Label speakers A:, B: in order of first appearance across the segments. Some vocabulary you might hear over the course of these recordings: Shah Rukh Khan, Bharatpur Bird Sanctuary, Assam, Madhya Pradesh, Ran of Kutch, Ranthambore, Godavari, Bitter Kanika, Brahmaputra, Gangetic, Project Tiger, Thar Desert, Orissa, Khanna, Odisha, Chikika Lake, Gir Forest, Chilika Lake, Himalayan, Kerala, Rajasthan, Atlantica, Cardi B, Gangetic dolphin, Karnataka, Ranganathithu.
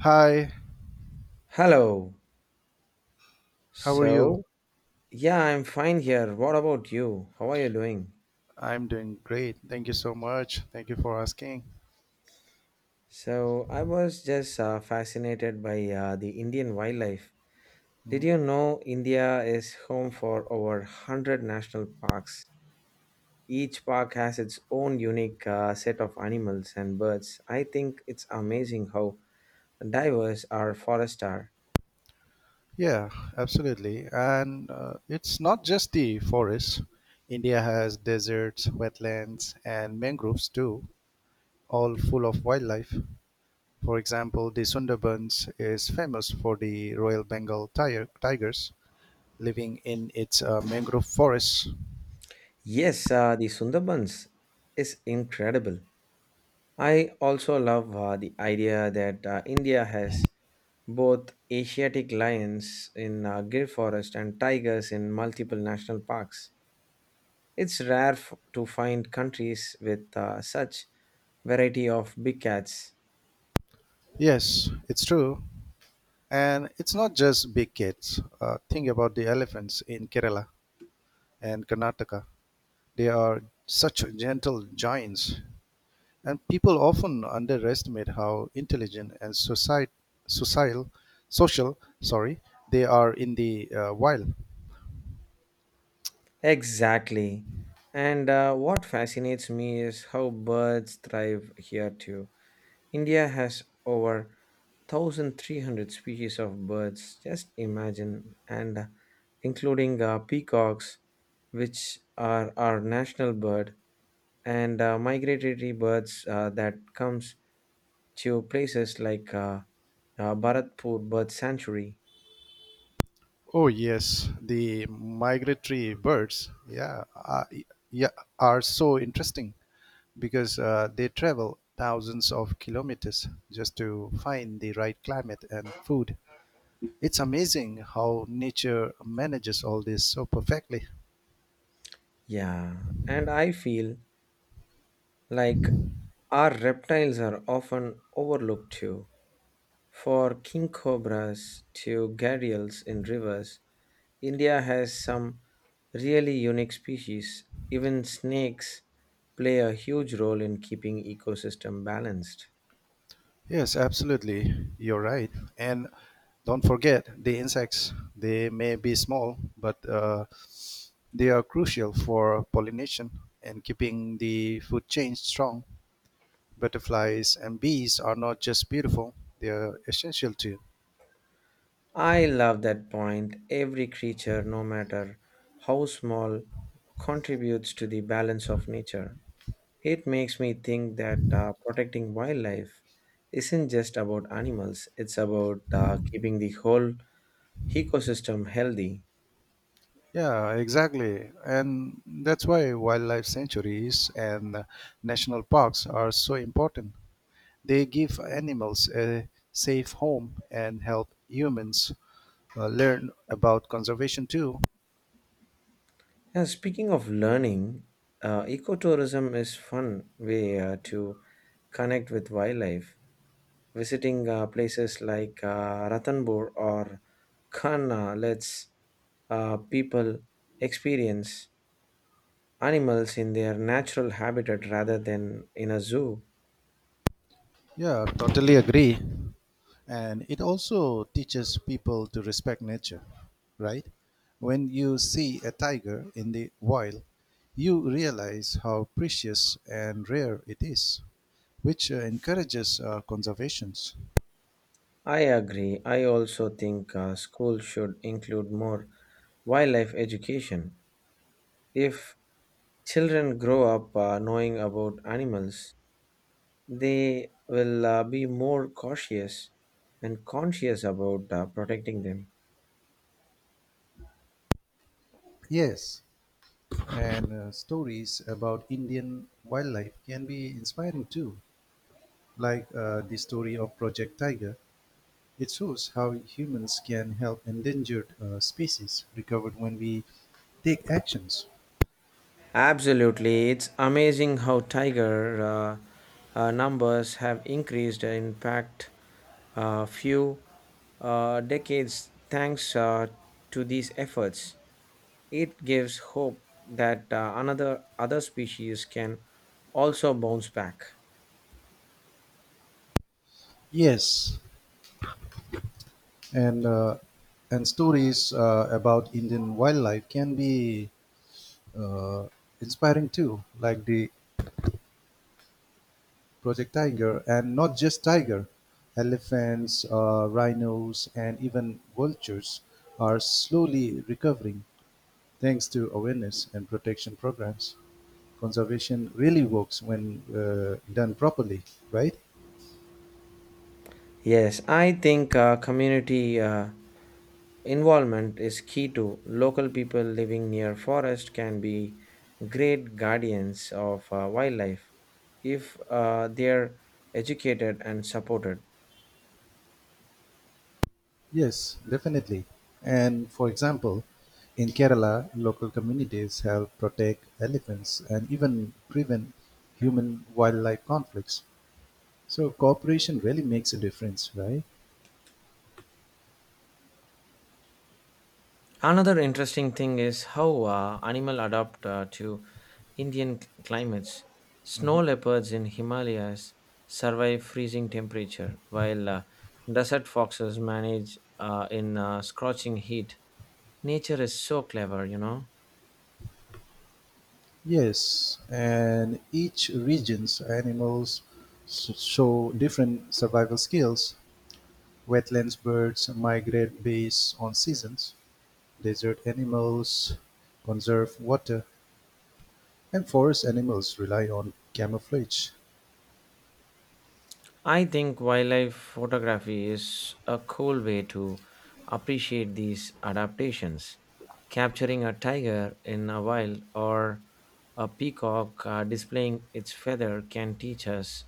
A: Hi,
B: Hello.
A: how are you?
B: So, yeah, I'm fine here. What about you? How are you doing?
A: I'm doing great. Thank you so much. Thank you for asking.
B: So, I was just fascinated by the Indian wildlife. Did
A: Mhm.
B: you know India is home for over 100 national parks? Each park has its own unique set of animals and birds. I think it's amazing how diverse our forests are.
A: Yeah, absolutely. And it's not just the forests. India has deserts, wetlands, and mangroves too, all full of wildlife. For example, the Sundarbans is famous for the Royal Bengal tiger, tigers living in its mangrove forests.
B: Yes, the Sundarbans is incredible. I also love the idea that India has both Asiatic lions in Gir Forest and tigers in multiple national parks. It's rare to find countries with such variety of big cats.
A: Yes, it's true. And it's not just big cats. Think about the elephants in Kerala and Karnataka, they are such gentle giants. And people often underestimate how intelligent and social, social, sorry, they are in the wild.
B: Exactly. And what fascinates me is how birds thrive here too. India has over 1300 species of birds, just imagine, and including peacocks, which are our national bird, and migratory birds that comes to places like Bharatpur Bird Sanctuary.
A: Oh yes, the migratory birds, yeah, yeah, are so interesting because they travel thousands of kilometers just to find the right climate and food. It's amazing how nature manages all this so perfectly.
B: Yeah, and I feel like our reptiles are often overlooked too. For king cobras to gharials in rivers, India has some really unique species. Even snakes play a huge role in keeping ecosystem balanced.
A: Yes, absolutely. You're right. And don't forget the insects. They may be small, but they are crucial for pollination and keeping the food chain strong. Butterflies and bees are not just beautiful, they are essential too.
B: I love that point. Every creature, no matter how small, contributes to the balance of nature. It makes me think that protecting wildlife isn't just about animals, it's about keeping the whole ecosystem healthy.
A: Yeah, exactly. And that's why wildlife sanctuaries and national parks are so important. They give animals a safe home and help humans learn about conservation too.
B: And speaking of learning, ecotourism is fun way to connect with wildlife. Visiting places like Ranthambore or Khanna lets people experience animals in their natural habitat rather than in a zoo.
A: Yeah, totally agree. And it also teaches people to respect nature, right? When you see a tiger in the wild, you realize how precious and rare it is, which encourages conservations.
B: I agree. I also think schools should include more wildlife education. If children grow up knowing about animals, they will be more cautious and conscious about protecting them.
A: Yes, and stories about Indian wildlife can be inspiring too, like the story of Project Tiger. It shows how humans can help endangered species recovered when we take actions.
B: Absolutely, it's amazing how tiger numbers have increased in fact a few decades thanks to these efforts. It gives hope that another other species can also bounce back.
A: Yes, and uh, and stories about Indian wildlife can be uh, inspiring too, like the Project Tiger, and not just tiger, elephants, rhinos, and even vultures are slowly recovering thanks to awareness and protection programs. Conservation really works when done properly, right?
B: Yes, I think community involvement is key to local people living near forest can be great guardians of wildlife if they're educated and supported.
A: Yes, definitely. And for example, in Kerala, local communities help protect elephants and even prevent human wildlife conflicts. So, cooperation really makes a difference, right?
B: Another interesting thing is how animal adapt to Indian climates. Snow leopards in Himalayas survive freezing temperature, while desert foxes manage in scorching heat. Nature is so clever.
A: Yes, and each region's animals show different survival skills. Wetlands birds migrate based on seasons, desert animals conserve water, and forest animals rely on camouflage.
B: I think wildlife photography is a cool way to appreciate these adaptations. Capturing a tiger in a wild or a peacock displaying its feather can teach us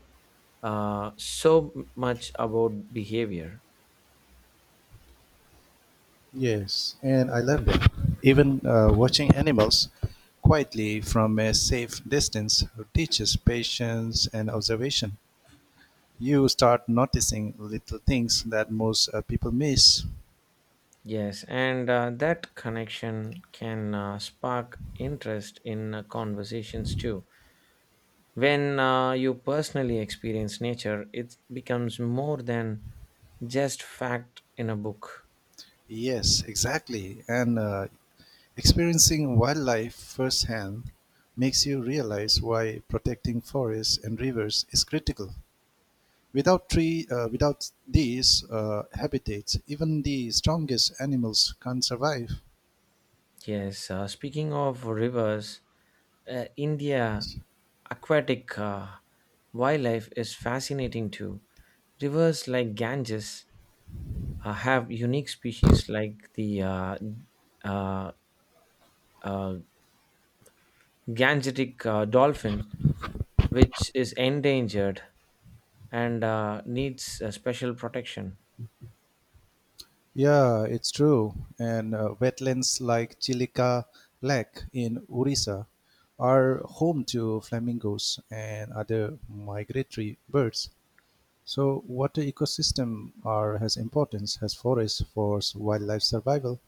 B: so much about behavior.
A: Yes, and I love that. Even watching animals quietly from a safe distance teaches patience and observation. You start noticing little things that most people miss.
B: Yes, and that connection can spark interest in conversations too. When you personally experience nature, it becomes more than just fact in a book.
A: Yes, exactly. And experiencing wildlife firsthand makes you realize why protecting forests and rivers is critical. Without these habitats, even the strongest animals can't survive.
B: Yes, speaking of rivers, India aquatic wildlife is fascinating too. Rivers like Ganges have unique species like the uh, uh, Gangetic dolphin, which is endangered and needs special protection.
A: Yeah, it's true. And wetlands like Chilika Lake in Orissa are home to flamingos and other migratory birds. So, water ecosystem are has importance as forests for wildlife survival.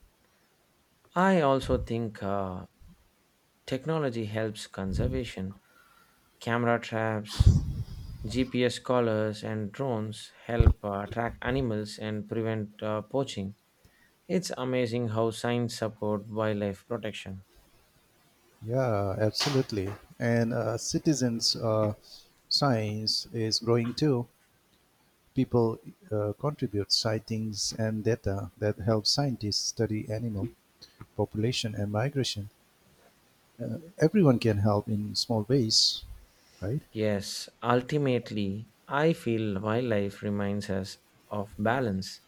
B: I also think technology helps conservation. Camera traps, GPS collars, and drones help track animals and prevent poaching. It's amazing how science supports wildlife protection.
A: Yeah, absolutely. And citizens' science is growing too. People contribute sightings and data that help scientists study animal population and migration. Everyone can help in small ways, right?
B: Yes, ultimately, I feel wildlife reminds us of balance.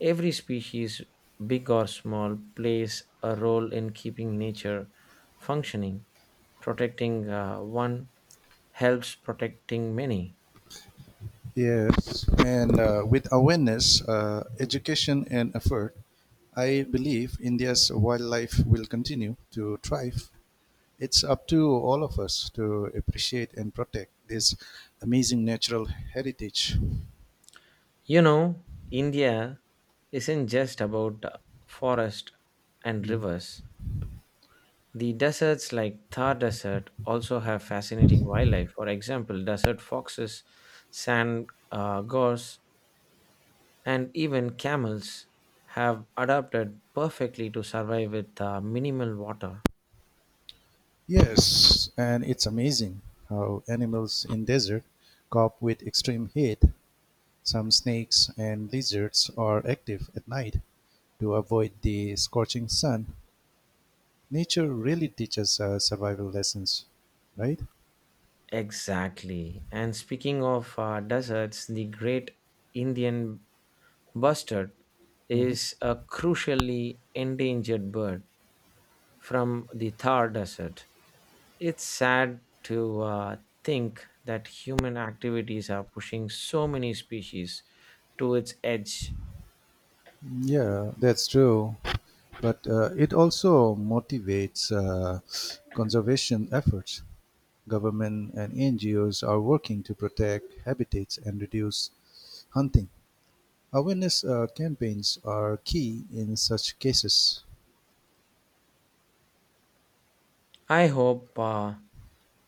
B: Every species, big or small, plays a role in keeping nature functioning. Protecting one helps protecting many.
A: Yes, and with awareness, education, and effort, I believe India's wildlife will continue to thrive. It's up to all of us to appreciate and protect this amazing natural heritage.
B: You know, India isn't just about forest and rivers. The deserts like Thar Desert also have fascinating wildlife. For example, desert foxes, sand gorse, and even camels have adapted perfectly to survive with minimal water.
A: Yes, and it's amazing how animals in desert cope with extreme heat. Some snakes and lizards are active at night to avoid the scorching sun. Nature really teaches survival lessons, right?
B: Exactly. And speaking of deserts, the great Indian bustard
A: Hmm.
B: is a crucially endangered bird from the Thar Desert. It's sad to think that human activities are pushing so many species to its edge.
A: Yeah, that's true. But it also motivates conservation efforts. Government and NGOs are working to protect habitats and reduce hunting. Awareness campaigns are key in such cases.
B: I hope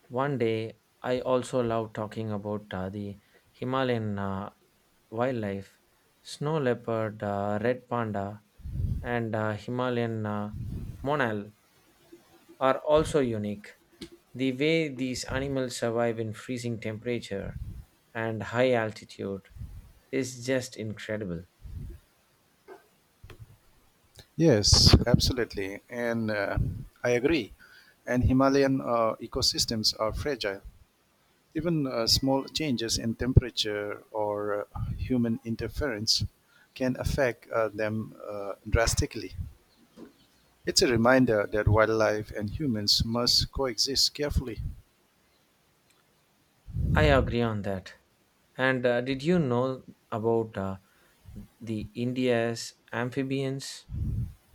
B: one day I also love talking about the Himalayan wildlife, snow leopard, red panda, and Himalayan monal are also unique. The way these animals survive in freezing temperature and high altitude is just incredible.
A: Yes, absolutely. And I agree. And Himalayan ecosystems are fragile. Even small changes in temperature or human interference can affect them drastically. It's a reminder that wildlife and humans must coexist carefully.
B: I agree on that. And did you know about the India's amphibians,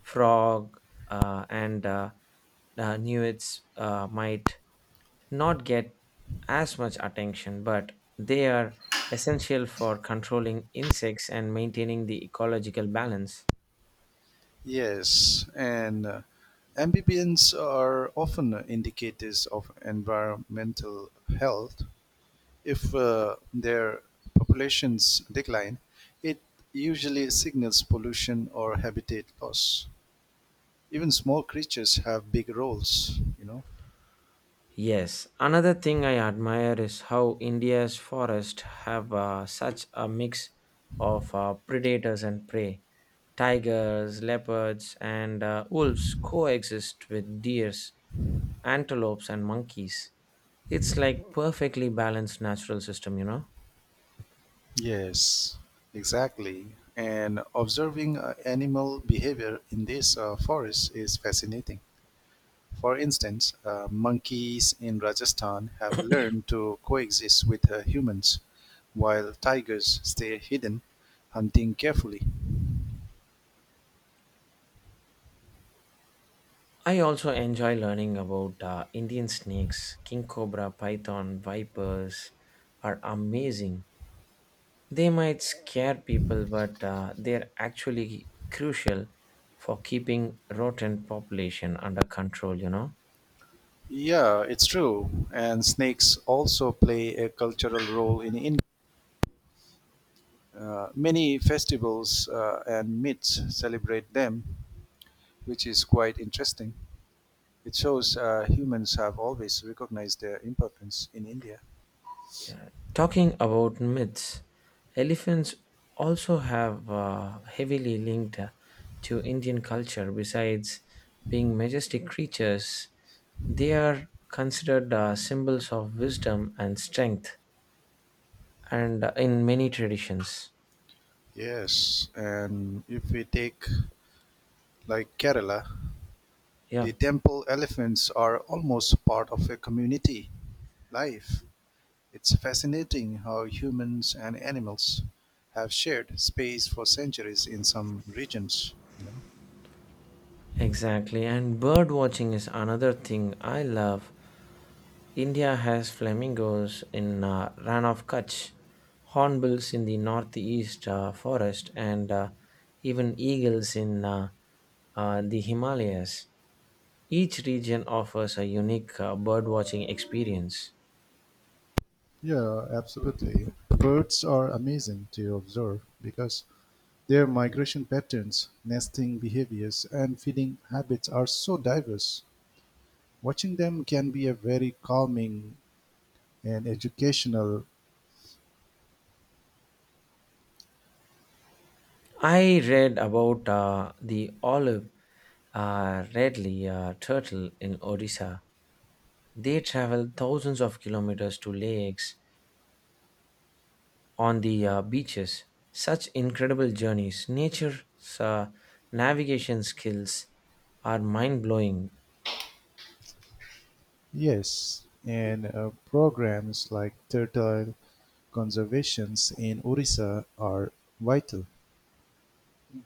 B: frog, and newts might not get as much attention, but they are essential for controlling insects and maintaining the ecological balance.
A: Yes, and amphibians are often indicators of environmental health. If their populations decline, it usually signals pollution or habitat loss. Even small creatures have big roles, you know.
B: Yes, another thing I admire is how India's forests have such a mix of predators and prey. Tigers, leopards, and wolves coexist with deers, antelopes, and monkeys. It's like perfectly balanced natural system.
A: Yes, exactly. And observing animal behavior in this forests is fascinating. For instance, monkeys in Rajasthan have learned to coexist with humans, while tigers stay hidden, hunting carefully.
B: I also enjoy learning about Indian snakes. King cobra, python, vipers are amazing. They might scare people, but they're actually crucial for keeping rodent population under control.
A: Yeah, it's true. And snakes also play a cultural role in India. Many festivals and myths celebrate them, which is quite interesting. It shows humans have always recognized their importance in India.
B: Yeah. Talking about myths, elephants also have heavily linked to Indian culture. Besides being majestic creatures, they are considered symbols of wisdom and strength, and in many traditions.
A: Yes, and if we take like Kerala,
B: Yeah,
A: the temple elephants are almost part of a community life. It's fascinating how humans and animals have shared space for centuries in some regions, you know.
B: exactly. And bird watching is another thing I love. India has flamingos in Ran of Kutch, hornbills in the northeast forest, and even eagles in the Himalayas. Each region offers a unique birdwatching experience.
A: Yeah, absolutely. Birds are amazing to observe because their migration patterns, nesting behaviors, and feeding habits are so diverse. Watching them can be a very calming and educational.
B: I read about the olive redly turtle in Odisha. They travel thousands of kilometers to lakes on the beaches. Such incredible journeys. Nature's uh, navigation skills are mind blowing.
A: Yes, and programs like turtle conservations in Orissa are vital.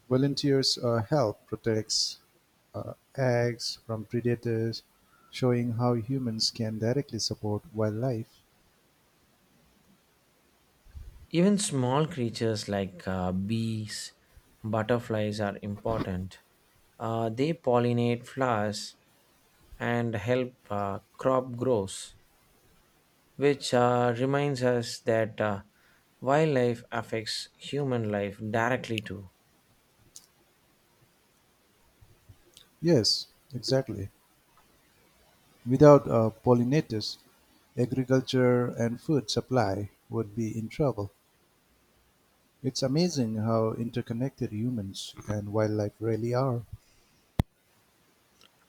A: Volunteers help protect eggs from predators, showing how humans can directly support wildlife.
B: Even small creatures like bees, butterflies are important. They pollinate flowers and help crop grows, which reminds us that wildlife affects human life directly too.
A: Yes, exactly. Without pollinators, agriculture and food supply would be in trouble. It's amazing how interconnected humans and wildlife really are.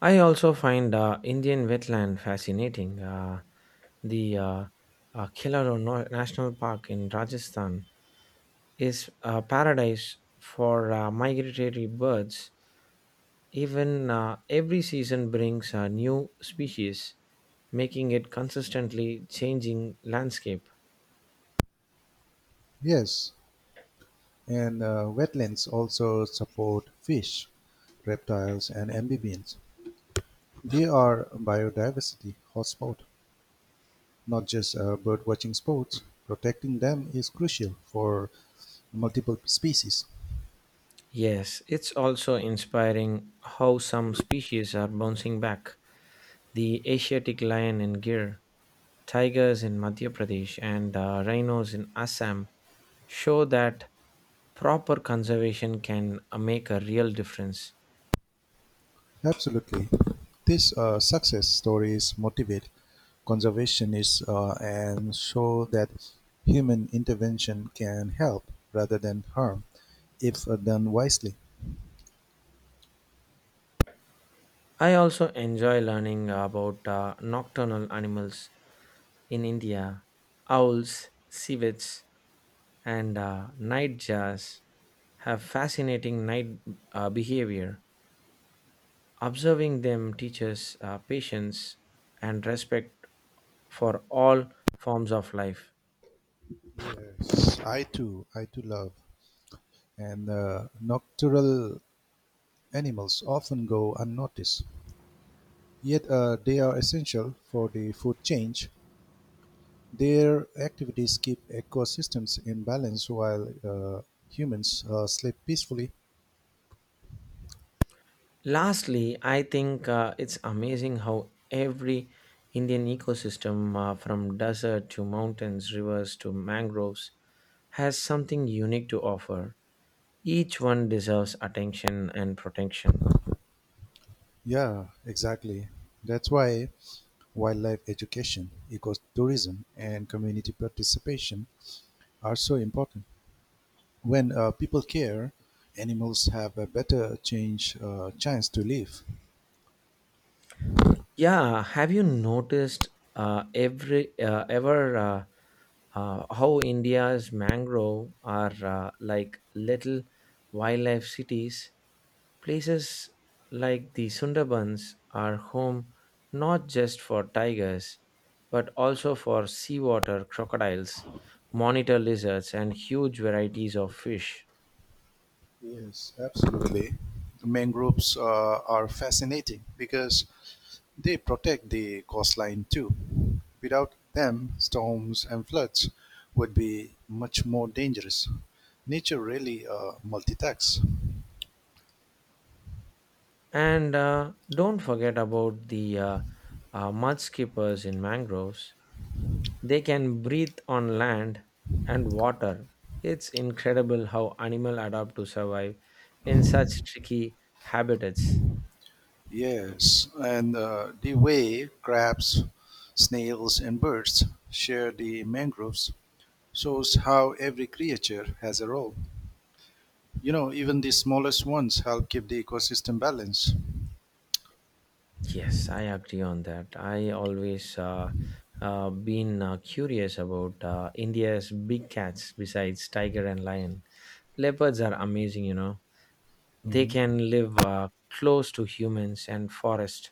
B: I also find Indian wetland fascinating. The Kilaro National Park in Rajasthan is a paradise for migratory birds. Even every season brings a new species, making it consistently changing landscape.
A: Yes, and wetlands also support fish, reptiles, and amphibians. They are biodiversity hotspot, not just bird watching spots. Protecting them is crucial for multiple species.
B: Yes, it's also inspiring how some species are bouncing back. The Asiatic lion and deer tigers in Madhya Pradesh and rhinos in Assam show that proper conservation can make a real difference.
A: Absolutely. These success stories motivate conservationists and show that human intervention can help rather than harm if done wisely.
B: I also enjoy learning about nocturnal animals in India. Owls, civets, and night have fascinating night behavior. Observing them teaches patience and respect for all forms of life.
A: Yes, I too love and nocturnal animals often go unnoticed. Yet they are essential for the food chain. Their activities keep ecosystems in balance while humans sleep peacefully.
B: Lastly, I think it's amazing how every Indian ecosystem, from desert to mountains, rivers to mangroves, has something unique to offer. Each one deserves attention and protection.
A: Yeah, exactly. That's why wildlife education, ecotourism, and community participation are so important. When people care, animals have a chance to live.
B: Yeah, have you noticed every ever how India's mangrove are like little wildlife cities? Places like the Sundarbans are home not just for tigers but also for seawater crocodiles, monitor lizards, and huge varieties of fish.
A: Yes, absolutely. Mangroves are fascinating because they protect the coastline too. Without them, storms and floods would be much more dangerous. Nature really multitasks.
B: And don't forget about the mud skippers in mangroves. They can breathe on land and water. It's incredible how animals adapt to survive in such tricky habitats.
A: Yes, and the way crabs, snails, and birds share the mangroves shows how every creature has a role. You know, even the smallest ones help keep the ecosystem balanced.
B: Yes, I agree on that. I always been curious about India's big cats besides tiger and lion. Leopards are amazing. They
A: Mhm.
B: can live close to humans and forest,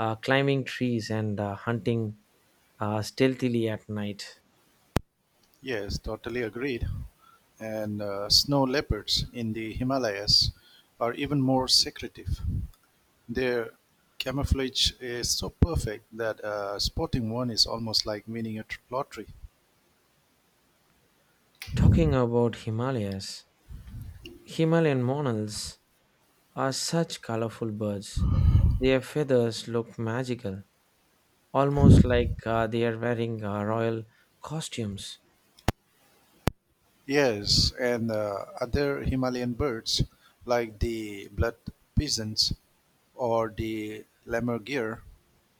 B: climbing trees and hunting stealthily at night.
A: Yes, totally agreed. And snow leopards in the Himalayas are even more secretive. Their camouflage is so perfect that spotting one is almost like winning a lottery.
B: Talking about Himalayas, Himalayan monals are such colorful birds. Their feathers look magical almost like they are wearing royal costumes.
A: Yes, and other Himalayan birds like the blood pigeons or the lammergeier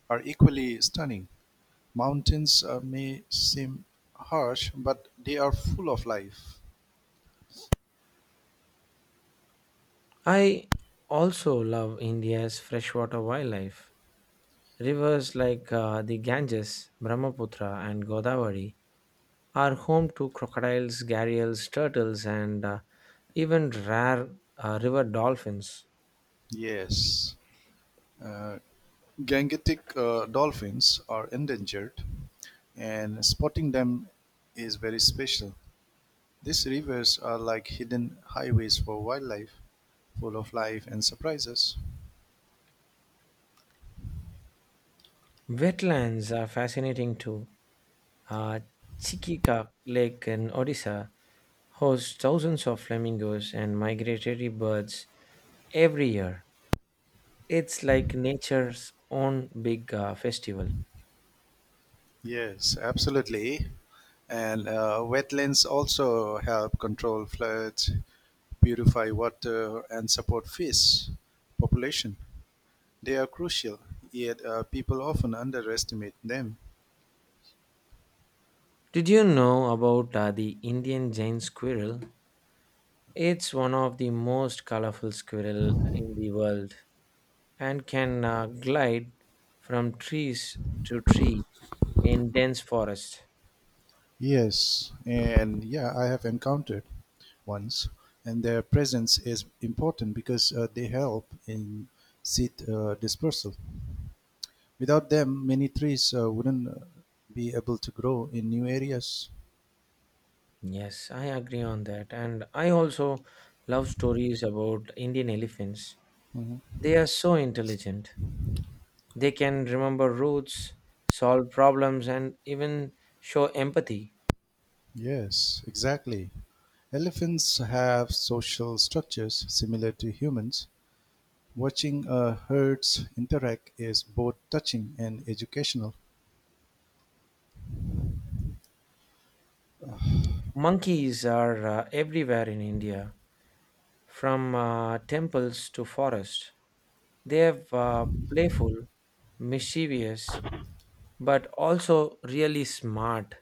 A: are equally stunning. Mountains may seem harsh, but they are full of life.
B: I also love India's freshwater wildlife. Rivers like the Ganges, Brahmaputra, and Godavari are home to crocodiles, gharials, turtles, and even rare river dolphins.
A: Yes. Uh, Gangetic dolphins are endangered, and spotting them is very special. These rivers are like hidden highways for wildlife, full of life and surprises.
B: Wetlands are fascinating too. Uh, Chikika Lake in Odisha hosts thousands of flamingos and migratory birds every year. It's like nature's own big festival.
A: Yes, absolutely. And wetlands also help control floods, purify water, and support fish population. They are crucial, yet people often underestimate them.
B: Did you know about the Indian Jain squirrel? It's one of the most colorful squirrel in the world and can glide from trees to tree in dense forest.
A: Yes, and yeah, I have encountered ones, and their presence is important because they help in seed dispersal. Without them, many trees wouldn't be able to grow in new areas.
B: Yes, I agree on that. And I also love stories about Indian elephants.
A: Mhm.
B: They are so intelligent. They can remember routes, solve problems, and even show empathy.
A: Yes, exactly. Elephants have social structures similar to humans. Watching herds interact is both touching and educational.
B: Monkeys are everywhere in India, from temples to forests. They have playful, mischievous, but also really smart,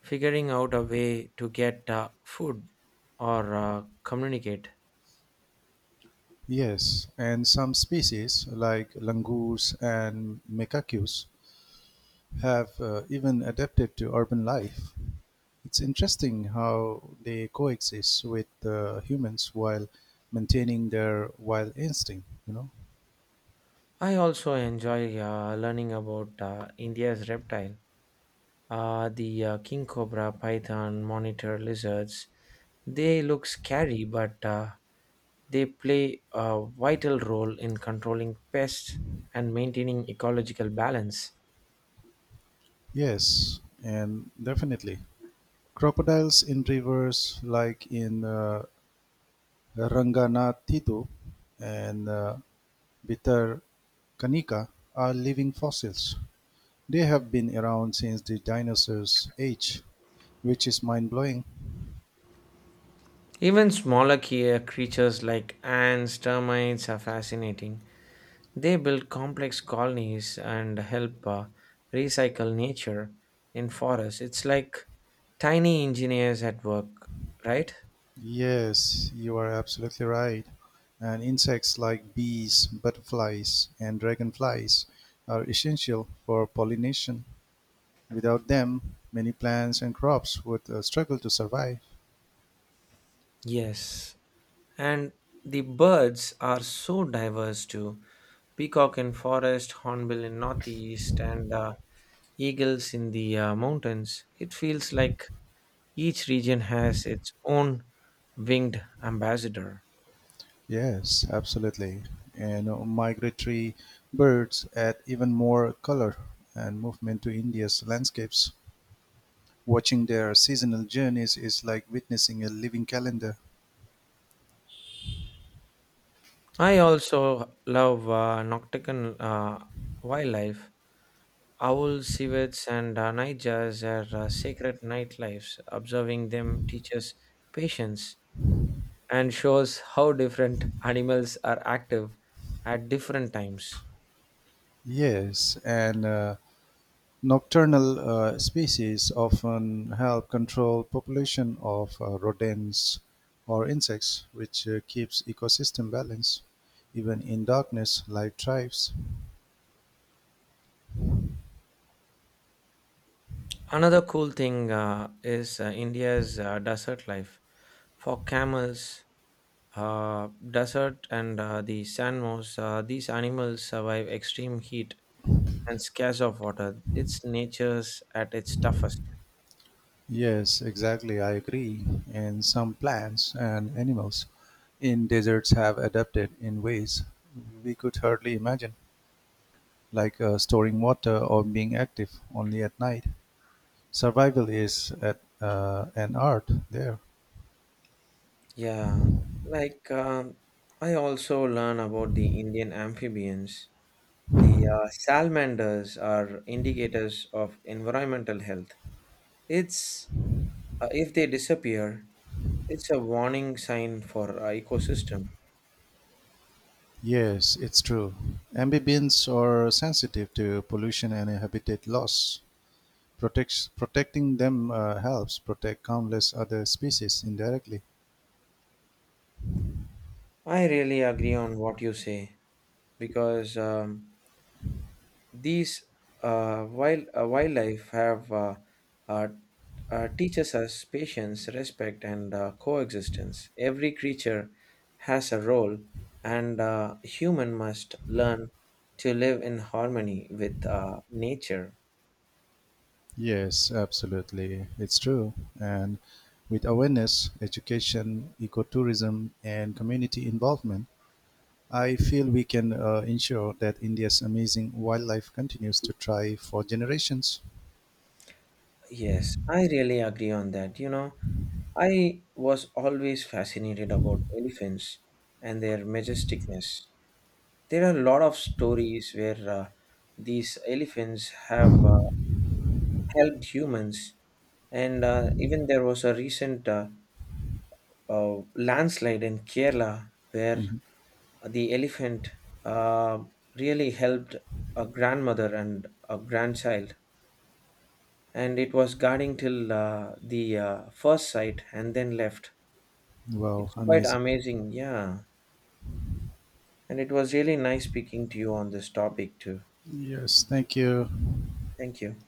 B: figuring out a way to get food or communicate.
A: Yes, and some species, like langurs and mecacus, have even adapted to urban life. It's interesting how they coexist with humans while maintaining their wild instinct, you know?
B: I also enjoy learning about India's reptile. The king cobra, python, monitor lizards, they look scary, but they play a vital role in controlling pests and maintaining ecological balance.
A: Yes, and definitely. Crocodiles in rivers, like in Ranganathithu and Bitter Kanika, are living fossils. They have been around since the dinosaurs age, which is mind-blowing.
B: Even smaller creatures like ants, termites are fascinating. They build complex colonies and help recycle nature in forests. It's like tiny engineers at work, right?
A: Yes, you are absolutely right. And insects like bees, butterflies, and dragonflies are essential for pollination. Without them, many plants and crops would struggle to survive.
B: Yes, and the birds are so diverse too. Peacock in forest, hornbill in northeast, and eagles in the mountains. It feels like each region has its own winged ambassador.
A: Yes, absolutely. And migratory birds add even more color and movement to India's landscapes. Watching their seasonal journeys is like witnessing a living calendar.
B: I also love nocturnal wildlife. Owls, civets, and nightjars are sacred nightlifes. Observing them teaches patience and shows how different animals are active at different times.
A: Yes, and nocturnal species often help control population of rodents or insects, which keeps ecosystem balance. Even in darkness, life thrives.
B: Another cool thing is India's desert life. For camels, desert, and the sand moss, these animals survive extreme heat and scarce of water. It's nature's at its toughest.
A: Yes, exactly. I agree. And some plants and animals in deserts have adapted in ways we could hardly imagine, like storing water or being active only at night. Survival is at, an art there.
B: Yeah, like I also learn about the Indian amphibians. The salamanders are indicators of environmental health. It's If they disappear, it's a warning sign for our ecosystem.
A: Yes, it's true. Amphibians are sensitive to pollution and habitat loss. Protecting them helps protect countless other species indirectly.
B: I really agree on what you say because these wild wildlife have uh, teaches us patience, respect, and coexistence. Every creature has a role, and human must learn to live in harmony with nature.
A: Yes, absolutely. It's true. And with awareness, education, ecotourism, and community involvement, I feel we can ensure that India's amazing wildlife continues to thrive for generations.
B: Yes, I really agree on that. You know, I was always fascinated about elephants and their majesticness. There are a lot of stories where these elephants have helped humans, and even there was a recent landslide in Kerala where
A: Mhm.
B: the elephant uh, really helped a grandmother and a grandchild. And it was guarding till the first sight and then left.
A: Wow,
B: It's quite
A: amazing.
B: amazing, yeah. And it was really nice speaking to you on this topic too.
A: Yes, thank you.
B: Thank you.